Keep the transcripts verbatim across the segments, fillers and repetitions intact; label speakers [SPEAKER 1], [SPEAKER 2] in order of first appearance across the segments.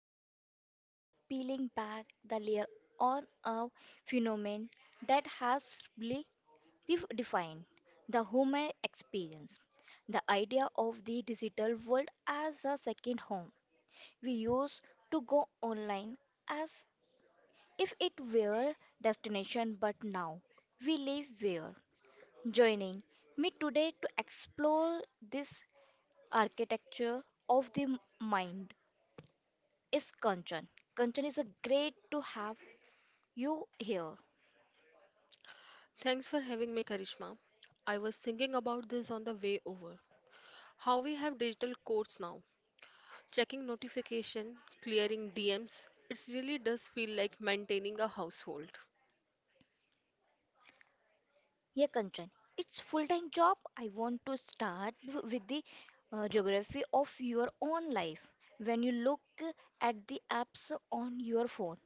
[SPEAKER 1] program. Today we are peeling back the layer on a phenomenon that has really redefined the human experience. The idea of the digital world as a second home. We used to go online as if it were destination, but now we live where. Joining me today to explore this architecture of the mind is Kanchan. Kanchan is a great to have you here.
[SPEAKER 2] Thanks for having me, Karishma. I was thinking about this on the way over. How we have digital codes now, checking notification, clearing D Ms, it really does feel like maintaining a household.
[SPEAKER 1] Yeah, Kanchan, it's full-time job. I want to start w- with the uh, geography of your own life. When you look at the apps on your phone,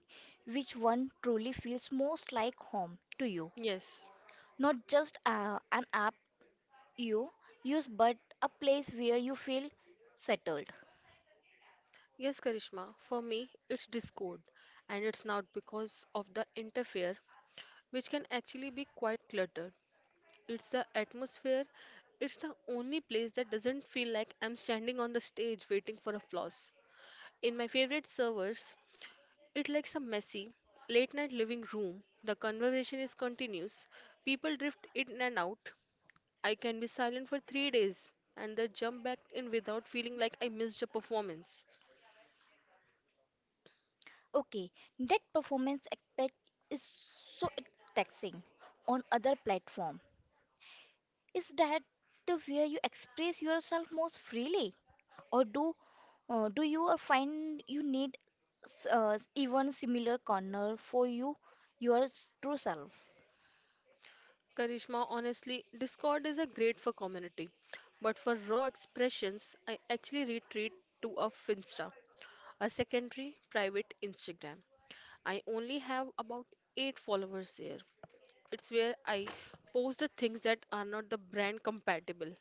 [SPEAKER 1] which one truly feels most like home to you?
[SPEAKER 2] Yes,
[SPEAKER 1] Not just uh, an app you use, but a place where you feel settled.
[SPEAKER 2] yes, Karishma. For me, it's Discord, and it's not because of the interfere, which can actually be quite cluttered. It's the atmosphere. It's the only place that doesn't feel like I'm standing on the stage waiting for applause. In my favorite servers, it likes a messy, late night living room. The conversation is continuous. People drift in and out. I can be silent for three days and then jump back in without feeling like I missed a performance.
[SPEAKER 1] Okay, that performance aspect is so taxing on other platform. Is that the where you express yourself most freely, or do uh, do you uh, find you need s- uh, even similar corner for you your s- true self?
[SPEAKER 2] Karishma, honestly, Discord is a great for community, but for raw expressions, I actually retreat to a Finsta, a secondary private Instagram. I only have about eight followers there. It's where I post the things that are not the brand compatible.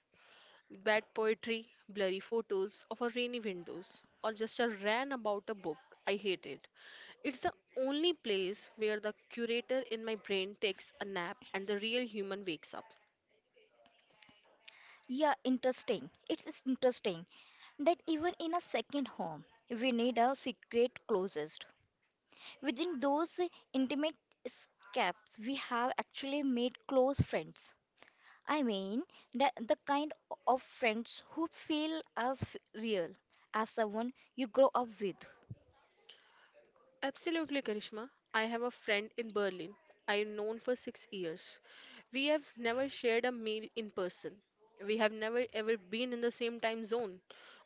[SPEAKER 2] Bad poetry, blurry photos of a rainy windows, or just a rant about a book I hated. It's the only place where the curator in my brain takes a nap and the real human wakes up.
[SPEAKER 1] Yeah, interesting. It's is interesting that even in a second home, we need our secret closest. Within those intimate escapes, we have actually made close friends. I mean, that the kind of friends who feel as f- real as someone you grow up with.
[SPEAKER 2] Absolutely, Karishma. I have a friend in Berlin I've known for six years. We have never shared a meal in person. We have never ever been in the same time zone.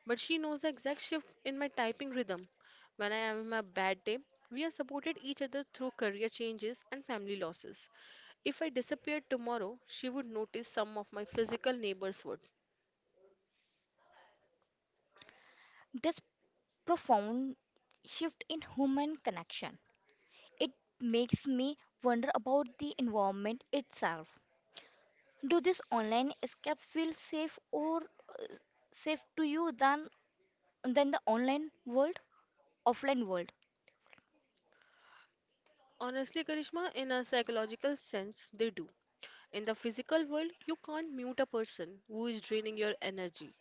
[SPEAKER 2] But she knows the exact shift in my typing rhythm. When I am in my bad day, we have supported each other through career changes and family losses. If I disappeared tomorrow, she would notice some of my physical neighbors would.
[SPEAKER 1] This profound shift in human connection. It makes me wonder about the environment itself. Do these online escapes feel safe or safe to you than than the online world, offline world?
[SPEAKER 2] Honestly, Karishma, in a psychological sense, they do. In the physical world, you can't mute a person who is draining your energy.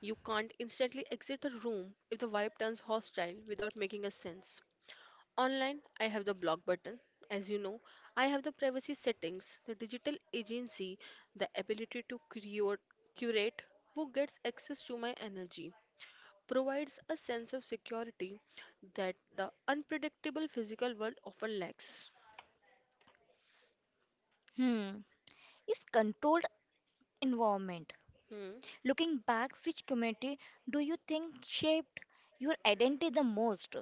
[SPEAKER 2] You can't instantly exit a room if the vibe turns hostile without making a sense. Online, I have the block button. As you know, I have the privacy settings, the digital agency, the ability to create, curate who gets access to my energy. Provides a sense of security that the unpredictable physical world often lacks.
[SPEAKER 1] Hmm. Is controlled environment.
[SPEAKER 2] Hmm.
[SPEAKER 1] Looking back, which community do you think shaped your identity the most?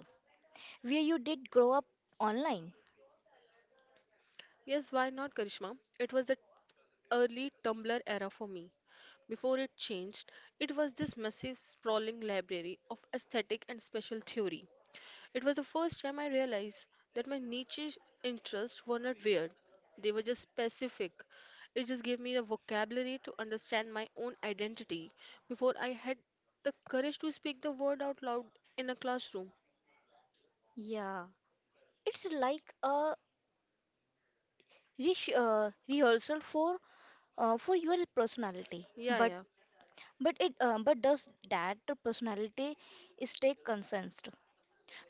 [SPEAKER 1] Where you did grow up online?
[SPEAKER 2] Yes, why not, Karishma? It was the early Tumblr era for me. Before it changed, it was this massive, sprawling library of aesthetic and special theory. It was the first time I realized that my niche interests were not weird, they were just specific. It just gave me the vocabulary to understand my own identity before I had the courage to speak the word out loud in a classroom.
[SPEAKER 1] Yeah, it's like a resh- uh, rehearsal for uh, for your personality.
[SPEAKER 2] Yeah,
[SPEAKER 1] But
[SPEAKER 2] yeah.
[SPEAKER 1] but it uh, but does that personality stay consistent?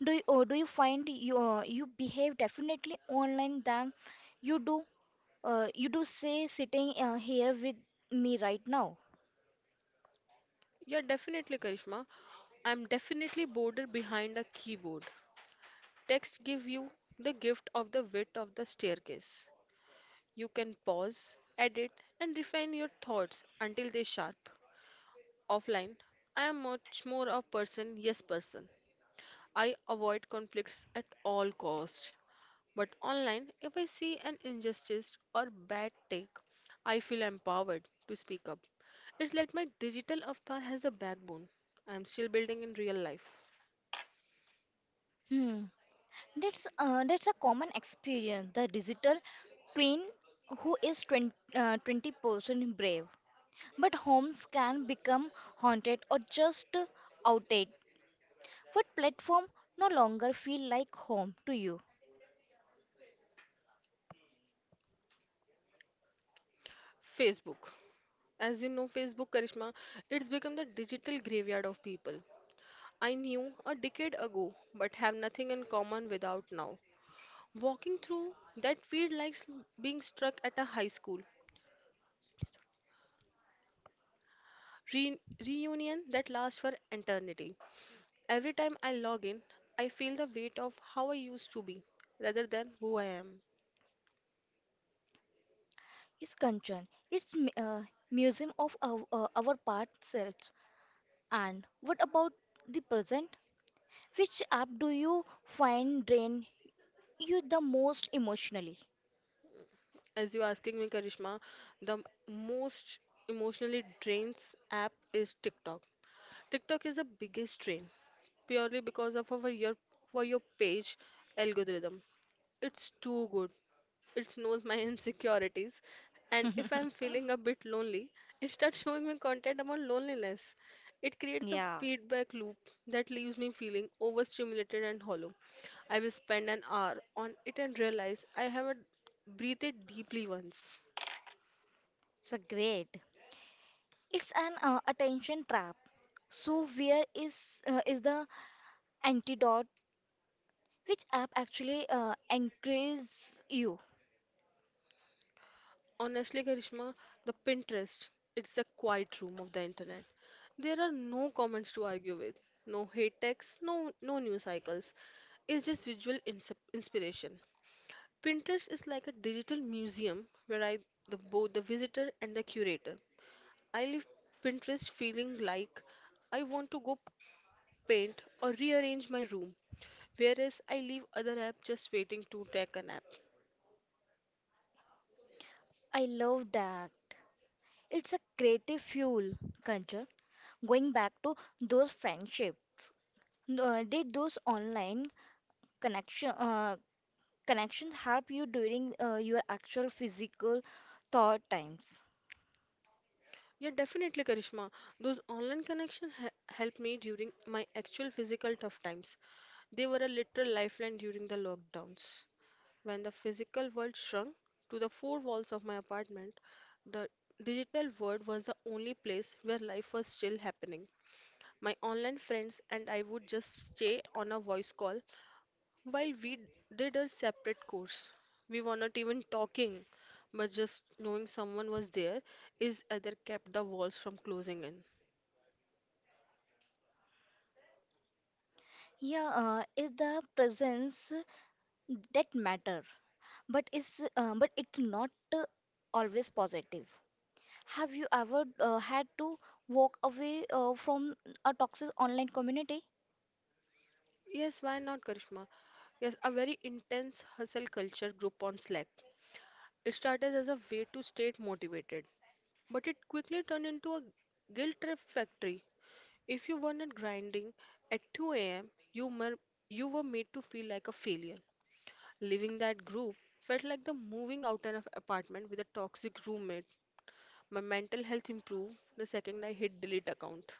[SPEAKER 1] Do you uh, do you find you uh, you behave definitely online than you do uh, you do say sitting uh, here with me right now?
[SPEAKER 2] Yeah, definitely, Karishma. I'm definitely bored behind a keyboard. Text give you the gift of the width of the staircase. You can pause, edit, and refine your thoughts until they sharp. Offline, I am much more a person yes person. I avoid conflicts at all costs. But online, if I see an injustice or bad take, I feel empowered to speak up. It's like my digital avatar has a backbone. I'm still building in real life.
[SPEAKER 1] Hmm. That's uh, that's a common experience. The digital twin who is twenty, uh, twenty percent brave, but homes can become haunted or just outdated. What platform no longer feel like home to you
[SPEAKER 2] Facebook. As you know, Facebook, Karishma, it's become the digital graveyard of people. I knew a decade ago, but have nothing in common without now. Walking through that feels like s- being struck at a high school re- reunion that lasts for eternity. Every time I log in, I feel the weight of how I used to be rather than who I am.
[SPEAKER 1] is Kanchan. It's m- uh, museum of our, uh, our past selves. And what about the present? Which app do you find drain you the most emotionally?
[SPEAKER 2] As you're asking me, Karishma, the most emotionally drains app is TikTok. TikTok is the biggest drain, purely because of our your for your page algorithm. It's too good. It knows my insecurities, and if I'm feeling a bit lonely, it starts showing me content about loneliness. It creates a
[SPEAKER 1] Yeah,
[SPEAKER 2] feedback loop that leaves me feeling overstimulated and hollow. I will spend an hour on it and realize I haven't breathed deeply once.
[SPEAKER 1] it's a great. It's an uh, attention trap. So where is uh, is the antidote? Which app actually uh, anchors you?
[SPEAKER 2] Honestly, Karishma, the Pinterest, it's a quiet room of the internet. There are no comments to argue with, no hate text, no no news cycles. It's just visual ins- inspiration. Pinterest is like a digital museum where I the both the visitor and the curator. I leave Pinterest feeling like I want to go paint or rearrange my room, whereas I leave other apps just waiting to take a nap.
[SPEAKER 1] I love that. It's a creative fuel, Kancha. Going back to those friendships, uh, did those online connection uh, connections help you during uh, your actual physical thought times?
[SPEAKER 2] Yeah, definitely, Karishma. Those online connections he helped me during my actual physical tough times. They were a literal lifeline during the lockdowns. When the physical world shrunk to the four walls of my apartment, the digital world was the only place where life was still happening. My online friends and I would just stay on a voice call while we did a separate course, we were not even talking, but just knowing someone was there is either kept the walls from closing in.
[SPEAKER 1] Yeah, uh, it's the presence that matter. But is uh, but it's not uh, always positive. Have you ever uh, had to walk away uh, from a toxic online community?
[SPEAKER 2] Yes, why not, Karishma? Yes, a very intense hustle culture group on Slack. It started as a way to stay motivated, but it quickly turned into a guilt trip factory. If you were not grinding at two a m, you, mer- you were made to feel like a failure. Leaving that group felt like the moving out an apartment with a toxic roommate. My mental health improved the second I hit delete account.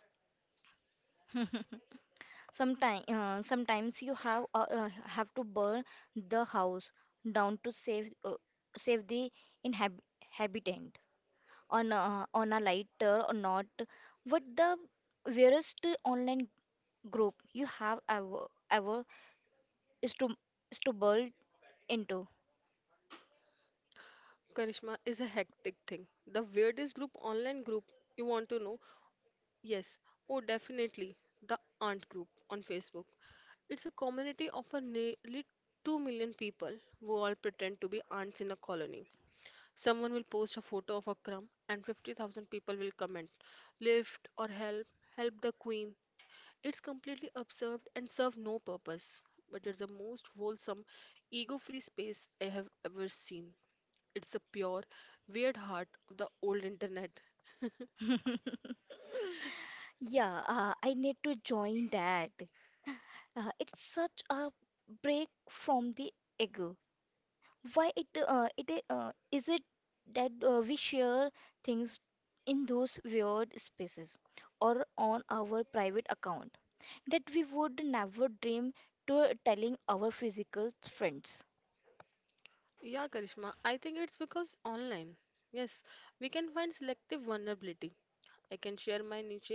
[SPEAKER 1] Sometimes uh, sometimes you have uh, uh, have to burn the house down to save uh, save the inhabitant. On a, on a lighter or not, what the weirdest online group you have ever ever is to is to burn into
[SPEAKER 2] Karishma is a hectic thing. The weirdest group online group you want to know? Yes, oh definitely the aunt group on Facebook. It's a community of a nearly two million people who all pretend to be aunts in a colony. Someone will post a photo of a crumb and fifty thousand people will comment, lift or help, help the queen. It's completely absurd and serve no purpose, but it's the most wholesome, ego-free space I have ever seen. It's the pure, weird heart of the old internet.
[SPEAKER 1] Yeah, uh, I need to join that. Uh, it's such a break from the ego. Why it uh, it uh, is it that uh, we share things in those weird spaces or on our private account that we would never dream to telling our physical friends.
[SPEAKER 2] Yeah, Karishma, I think it's because online. Yes, we can find selective vulnerability. I can share my niche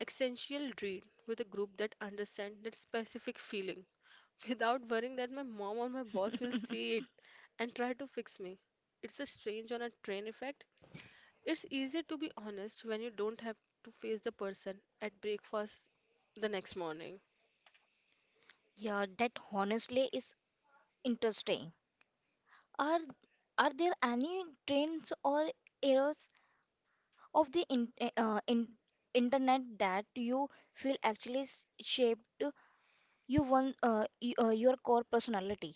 [SPEAKER 2] existential dread with a group that understands that specific feeling without worrying that my mom or my boss will see it and try to fix me. It's a strange on a train effect. It's easier to be honest when you don't have to face the person at breakfast the next morning.
[SPEAKER 1] Yeah, that honestly is interesting. Are are there any trends or errors of the in, uh, in, internet that you feel actually s- shaped you one uh, y- uh, your core personality?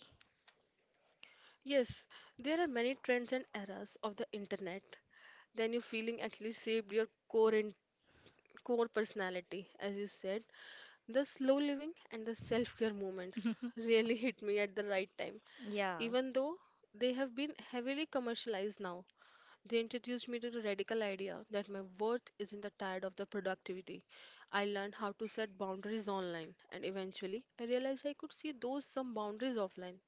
[SPEAKER 2] Yes, there are many trends and eras of the internet. Then your feeling actually shaped your core and core personality, as you said. The slow living and the self care movements really hit me at the right time,
[SPEAKER 1] Yeah.
[SPEAKER 2] even though they have been heavily commercialized now. They introduced me to the radical idea that my worth isn't tied of the productivity. I learned how to set boundaries online, and eventually I realized I could see those some boundaries offline.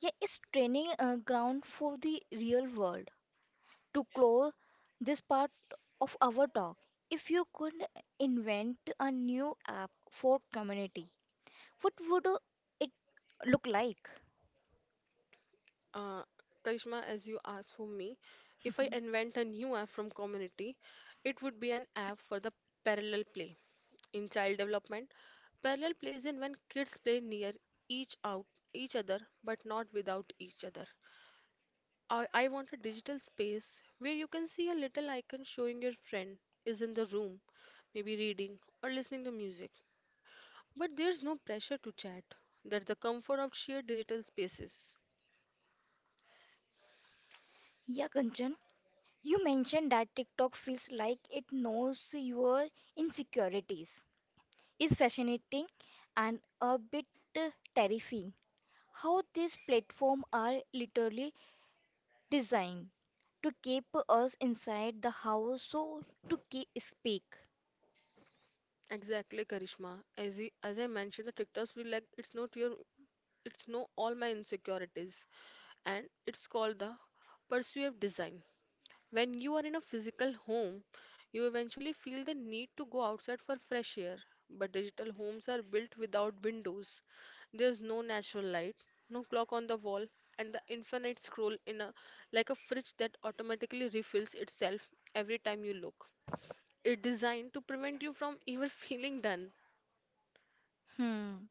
[SPEAKER 1] Yeah, it's training uh, ground for the real world. To close this part of our talk, if you could invent a new app for community, what would uh, it look like?
[SPEAKER 2] Uh, Karishma, as you asked for me, if I invent a new app from community, it would be an app for the parallel play. In child development, parallel play is in when kids play near each out each other but not without each other. I, I want a digital space where you can see a little icon showing your friend is in the room, maybe reading or listening to music. But there's no pressure to chat. That's the comfort of shared digital spaces.
[SPEAKER 1] Yeah, Kanchan, you mentioned that TikTok feels like it knows your insecurities is fascinating and a bit uh, terrifying. How these platforms are literally designed to keep us inside the house so to keep speak.
[SPEAKER 2] Exactly, Karishma. As I, as I mentioned, the TikToks feel like it's not your, it's no all my insecurities, and it's called the persuasive design. When you are in a physical home, you eventually feel the need to go outside for fresh air. But digital homes are built without windows. There's no natural light, no clock on the wall, and the infinite scroll in a like a fridge that automatically refills itself every time you look. It's designed to prevent you from even feeling done.
[SPEAKER 1] Hmm.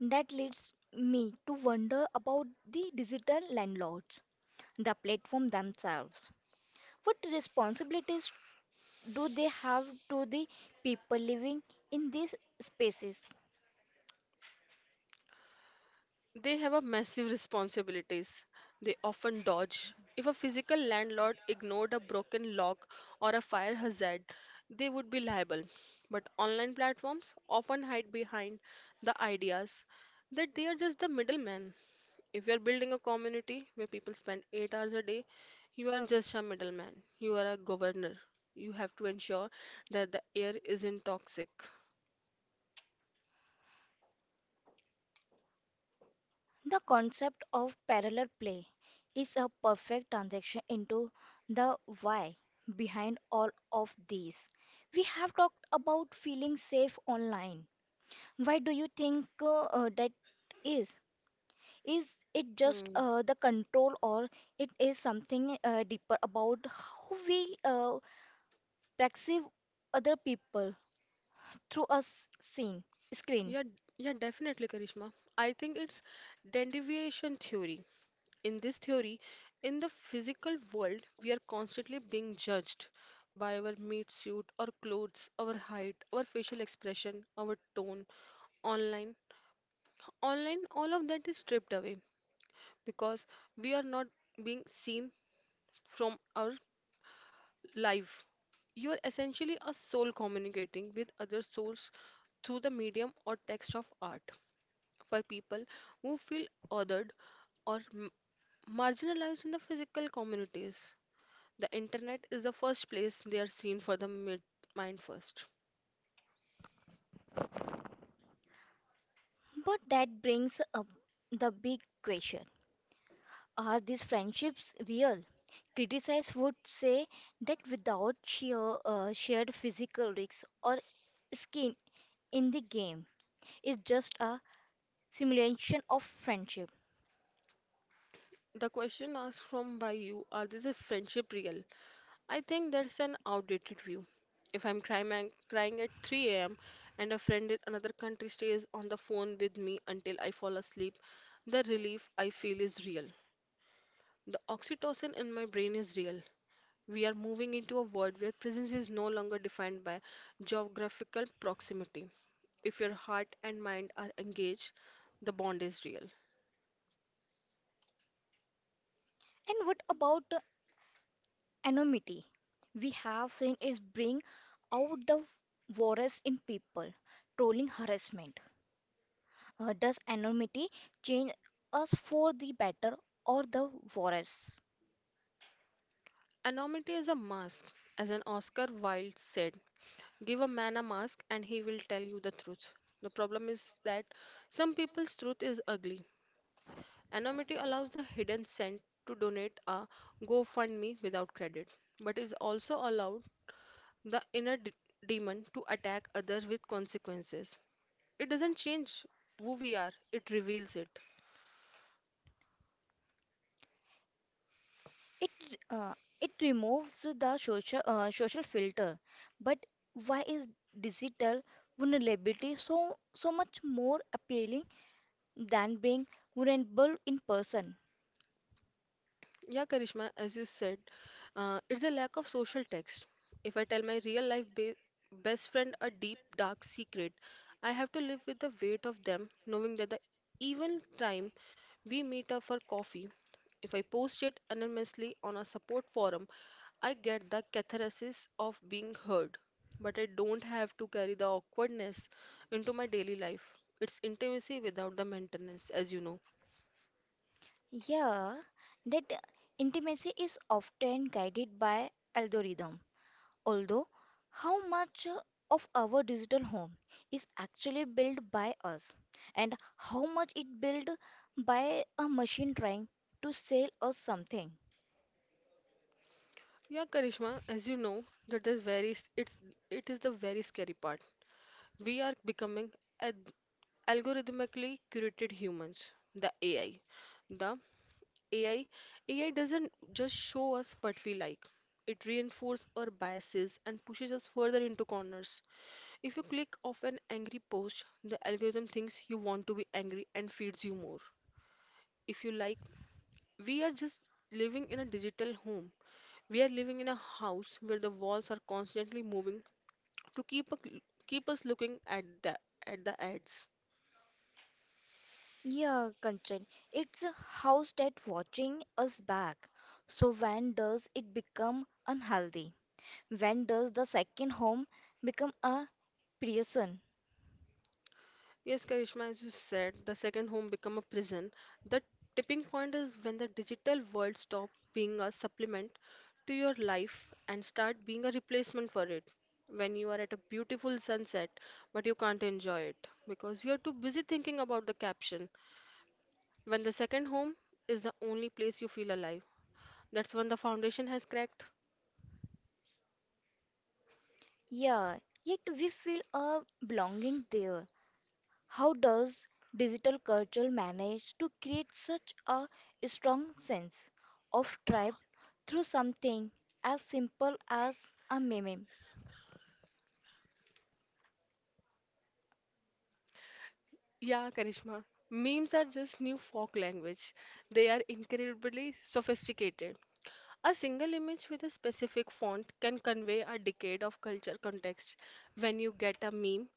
[SPEAKER 1] That leads me to wonder about the digital landlords, the platform themselves. What responsibilities do they have to the people living in these spaces?
[SPEAKER 2] They have a massive responsibilities. They often dodge. If a physical landlord ignored a broken lock or a fire hazard, they would be liable. But online platforms often hide behind the ideas that they are just the middleman. If you are building a community where people spend eight hours a day, you aren't just a middleman. You are a governor. You have to ensure that the air isn't toxic.
[SPEAKER 1] The concept of parallel play is a perfect transition into the why behind all of these. We have talked about feeling safe online. Why do you think uh, uh, that is? Is it just
[SPEAKER 2] Hmm.
[SPEAKER 1] uh, the control, or it is something uh, deeper about how we uh, perceive other people through a s- scene, screen?
[SPEAKER 2] Yeah, yeah, definitely, Karishma. I think it's deviation theory. In this theory, in the physical world, we are constantly being judged by our meat suit, our clothes, our height, our facial expression, our tone. Online, online, all of that is stripped away because we are not being seen from our life. You are essentially a soul communicating with other souls through the medium or text of art for people who feel othered or m- marginalized in the physical communities. The internet is the first place they are seen for the mid- mind first.
[SPEAKER 1] But that brings up the big question. Are these friendships real? Criticize would say that without sheer, uh, shared physical risks or skin in the game, it's just a simulation of friendship.
[SPEAKER 2] The question asked from by you are this a friendship real? I think that's an outdated view. If I'm crying, and- crying at three a m and a friend in another country stays on the phone with me until I fall asleep, the relief I feel is real. The oxytocin in my brain is real. We are moving into a world where presence is no longer defined by geographical proximity. If your heart and mind are engaged, the bond is real.
[SPEAKER 1] And what about the anonymity? We have seen is bring out the worst in people, trolling harassment. Uh, does anonymity change us for the better or the worse?
[SPEAKER 2] Anonymity is a mask. As an Oscar Wilde said, give a man a mask and he will tell you the truth. The problem is that some people's truth is ugly. Anonymity allows the hidden scent to donate a GoFundMe without credit, but is also allowed the inner d- demon to attack others with consequences. It doesn't change who we are, it reveals it.
[SPEAKER 1] It uh, it removes the social uh, social filter, but why is digital vulnerability so so much more appealing than being vulnerable in person?
[SPEAKER 2] Yeah, Karishma, as you said, uh, it's a lack of social text. If I tell my real life be best friend a deep, dark secret, I have to live with the weight of them, knowing that the even time we meet up for coffee, if I post it anonymously on a support forum, I get the catharsis of being heard. But I don't have to carry the awkwardness into my daily life. It's intimacy without the maintenance, as you know.
[SPEAKER 1] Yeah, that intimacy is often guided by algorithm. Although, how much of our digital home is actually built by us, and how much it built by a machine trying to sell us something?
[SPEAKER 2] Yeah, Karishma, as you know, that is very s- it's it is the very scary part. We are becoming ad- algorithmically curated humans, the A I. The A I A I doesn't just show us what we like. It reinforces our biases and pushes us further into corners. If you click off an angry post, the algorithm thinks you want to be angry and feeds you more. If you like we are just living in a digital home. We are living in a house where the walls are constantly moving to keep a, keep us looking at the at the ads.
[SPEAKER 1] Yeah, Kanchan, it's a house that watching us back. So when does it become unhealthy? When does the second home become a prison?
[SPEAKER 2] Yes, Karishma, as you said, the second home become a prison. The tipping point is when the digital world stops being a supplement to your life and start being a replacement for it. When you are at a beautiful sunset, but you can't enjoy it because you are too busy thinking about the caption. When the second home is the only place you feel alive, that's when the foundation has cracked.
[SPEAKER 1] Yeah, yet we feel a belonging there. How does digital culture manage to create such a strong sense of tribe through something as simple as a meme?
[SPEAKER 2] Yeah, Karishma. Memes are just new folk language. They are incredibly sophisticated. A single image with a specific font can convey a decade of culture context. When you get a meme,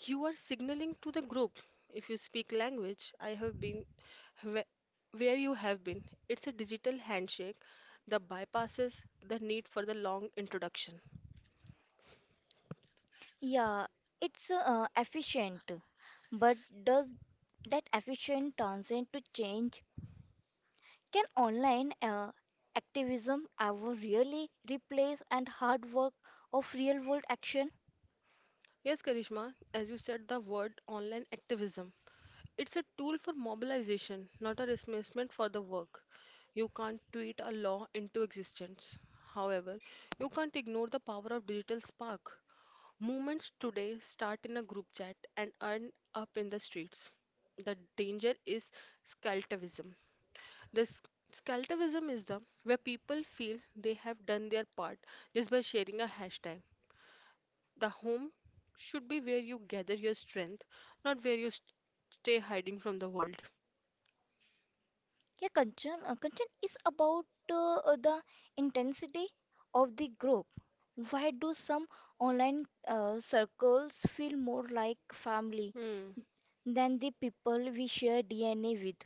[SPEAKER 2] you are signaling to the group. If you speak language, I have been whe- where you have been. It's a digital handshake that bypasses the need for the long introduction.
[SPEAKER 1] Yeah, it's uh, efficient, but does that efficient translate to change? Can online uh, activism ever really replace and hard work of real world action?
[SPEAKER 2] Yes, Karishma, as you said the word online activism. It's a tool for mobilization, not a replacement for the work. You can't tweet a law into existence. However, you can't ignore the power of digital spark. Movements today start in a group chat and end up in the streets. The danger is scaltivism. This scaltivism is the where people feel they have done their part just by sharing a hashtag. The home should be where you gather your strength, not where you st- stay hiding from the world.
[SPEAKER 1] Yeah, concern, uh, concern is about uh, uh, the intensity of the group. Why do some online uh, circles feel more like family
[SPEAKER 2] Hmm.
[SPEAKER 1] than the people we share D N A with?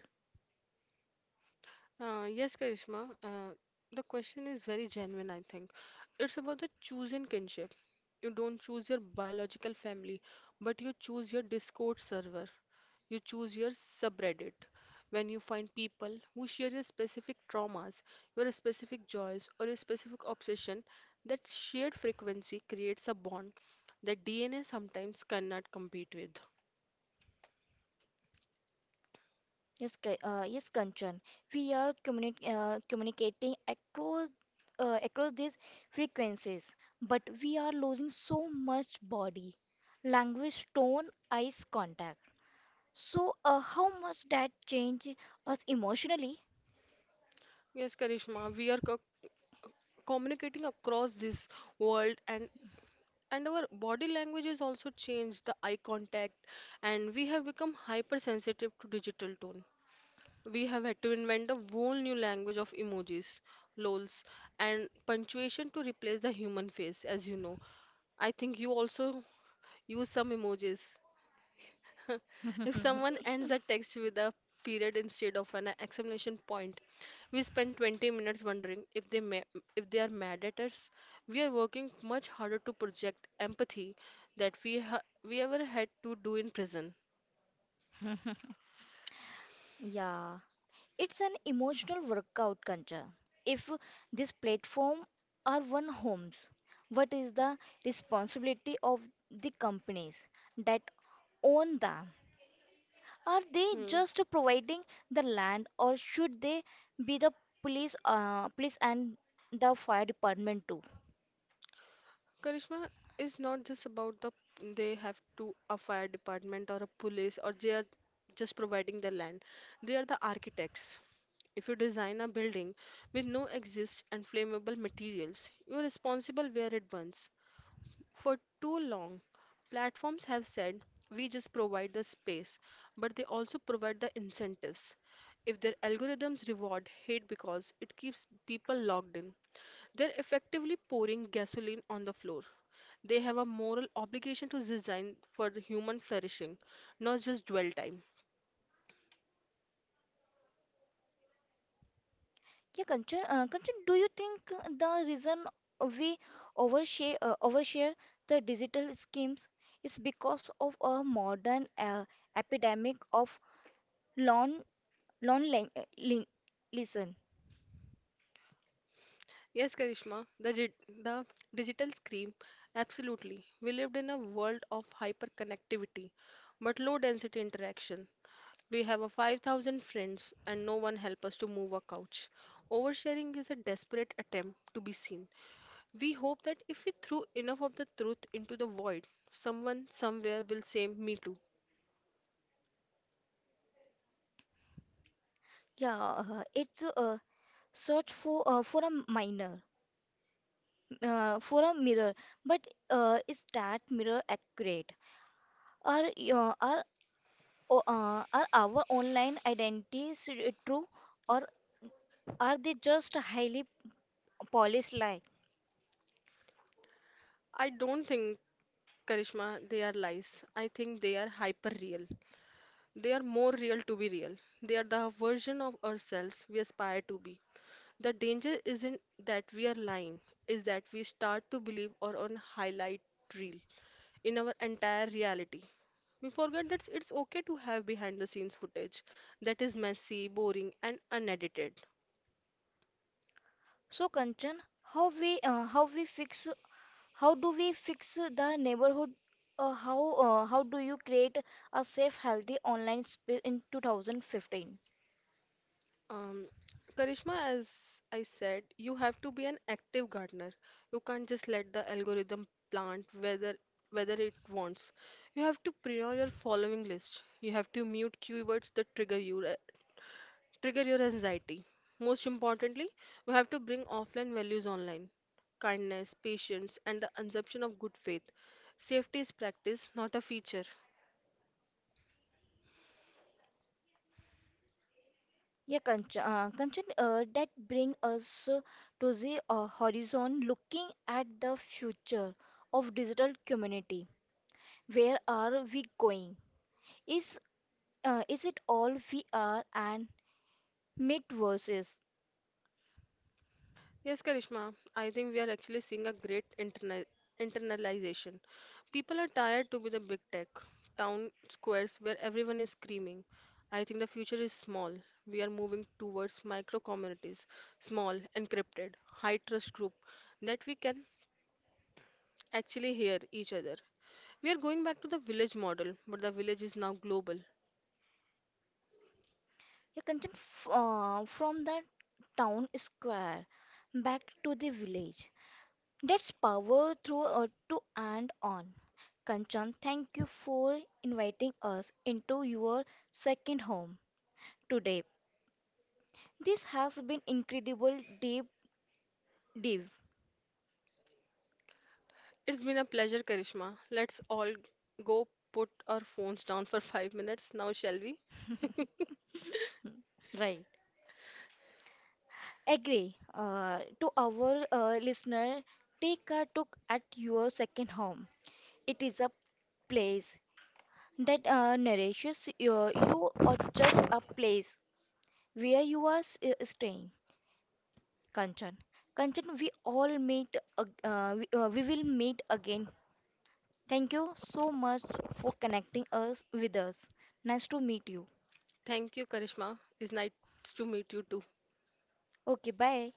[SPEAKER 2] Uh, yes, Karishma. Uh, the question is very genuine, I think. It's about the choosing kinship. You don't choose your biological family, but you choose your Discord server. You choose your subreddit when you find people who share your specific traumas, your specific joys, or your specific obsession. That shared frequency creates a bond that D N A sometimes cannot compete with.
[SPEAKER 1] Yes, Ka- uh, yes, Kanchan. We are communi- uh, communicating across uh, across these frequencies, but we are losing so much body language, tone, eyes contact. So, uh, how much that change us emotionally?
[SPEAKER 2] Yes, Karishma, we are co- communicating across this world and and our body language has also changed the eye contact and we have become hypersensitive to digital tone. We have had to invent a whole new language of emojis, lols, and punctuation to replace the human face, as you know. I think you also use some emojis. If someone ends a text with a period instead of an exclamation point, we spend twenty minutes wondering if they ma- if they are mad at us. We are working much harder to project empathy that we ha- we ever had to do in prison.
[SPEAKER 1] Yeah. It's an emotional workout culture. If this platform are one homes, what is the responsibility of the companies that own them? Are they
[SPEAKER 2] Hmm.
[SPEAKER 1] just providing the land, or should they be the police, uh, police and the fire department too?
[SPEAKER 2] Karishma is not just about the they have to a fire department or a police or they are just providing the land. They are the architects. If you design a building with no exist and flammable materials, you are responsible where it burns. For too long, platforms have said, we just provide the space, but they also provide the incentives. If their algorithms reward hate because it keeps people logged in, they're effectively pouring gasoline on the floor. They have a moral obligation to design for the human flourishing, not just dwell time.
[SPEAKER 1] Yeah, Kanchan, uh, Kanchan, do you think the reason we overshare, uh, overshare the digital schemes is because of a modern uh, epidemic of long, long lang- uh, lin- listen?
[SPEAKER 2] Yes, Karishma, the, dig- the digital scream, absolutely. We lived in a world of hyperconnectivity, but low density interaction. We have a five thousand friends and no one help us to move a couch. Oversharing is a desperate attempt to be seen. We hope that if we threw enough of the truth into the void, someone somewhere will say me too.
[SPEAKER 1] Yeah, uh, it's a search for uh, for a minor, uh, for a mirror. But uh, is that mirror accurate? Are your are o- uh, are our online identities uh, true, or are they just highly polished lie?
[SPEAKER 2] I don't think Karishma they are lies. I think they are hyper real. They are more real to be real. They are the version of ourselves we aspire to be. The danger isn't that we are lying, is that we start to believe or on highlight reel in our entire reality. We forget that it's okay to have behind the scenes footage that is messy, boring, and unedited.
[SPEAKER 1] So Kanchan, how we uh, how we fix how do we fix the neighborhood? Uh, how uh, how do you create a safe, healthy online space in two thousand fifteen?
[SPEAKER 2] Um, Karishma, as I said, you have to be an active gardener. You can't just let the algorithm plant whether whether it wants. You have to pre your following list. You have to mute keywords that trigger you trigger your anxiety. Most importantly, we have to bring offline values online kindness, patience, and the assumption of good faith. Safety is practice, not a feature.
[SPEAKER 1] Yeah, Kanchan, uh, Kanchan uh, that bring us uh, to the uh, horizon, looking at the future of digital community. Where are we going? Is uh, is it all V R and metaverses?
[SPEAKER 2] Yes, Karishma, I think we are actually seeing a great interna- internalization. People are tired to be the big tech, town squares where everyone is screaming. I think the future is small. We are moving towards micro communities, small, encrypted, high trust group that we can actually hear each other. We are going back to the village model, but the village is now global.
[SPEAKER 1] Your content f- uh, from the town square back to the village. That's power through uh, to and on. Kanchan, thank you for inviting us into your second home today. This has been incredible deep dive,
[SPEAKER 2] It's been a pleasure, Karishma. Let's all go put our phones down for five minutes now, shall we?
[SPEAKER 1] right? Agree. Uh, to our uh, listener, take a look at your second home. It is a place that uh, nourishes you, you or just a place where you are s- uh, staying. Kanchan, Kanchan, we all meet ag- uh, we, uh, we will meet again. Thank you so much for connecting us with us. Nice to meet you.
[SPEAKER 2] Thank you, Karishma. It's nice to meet you too.
[SPEAKER 1] Okay, bye.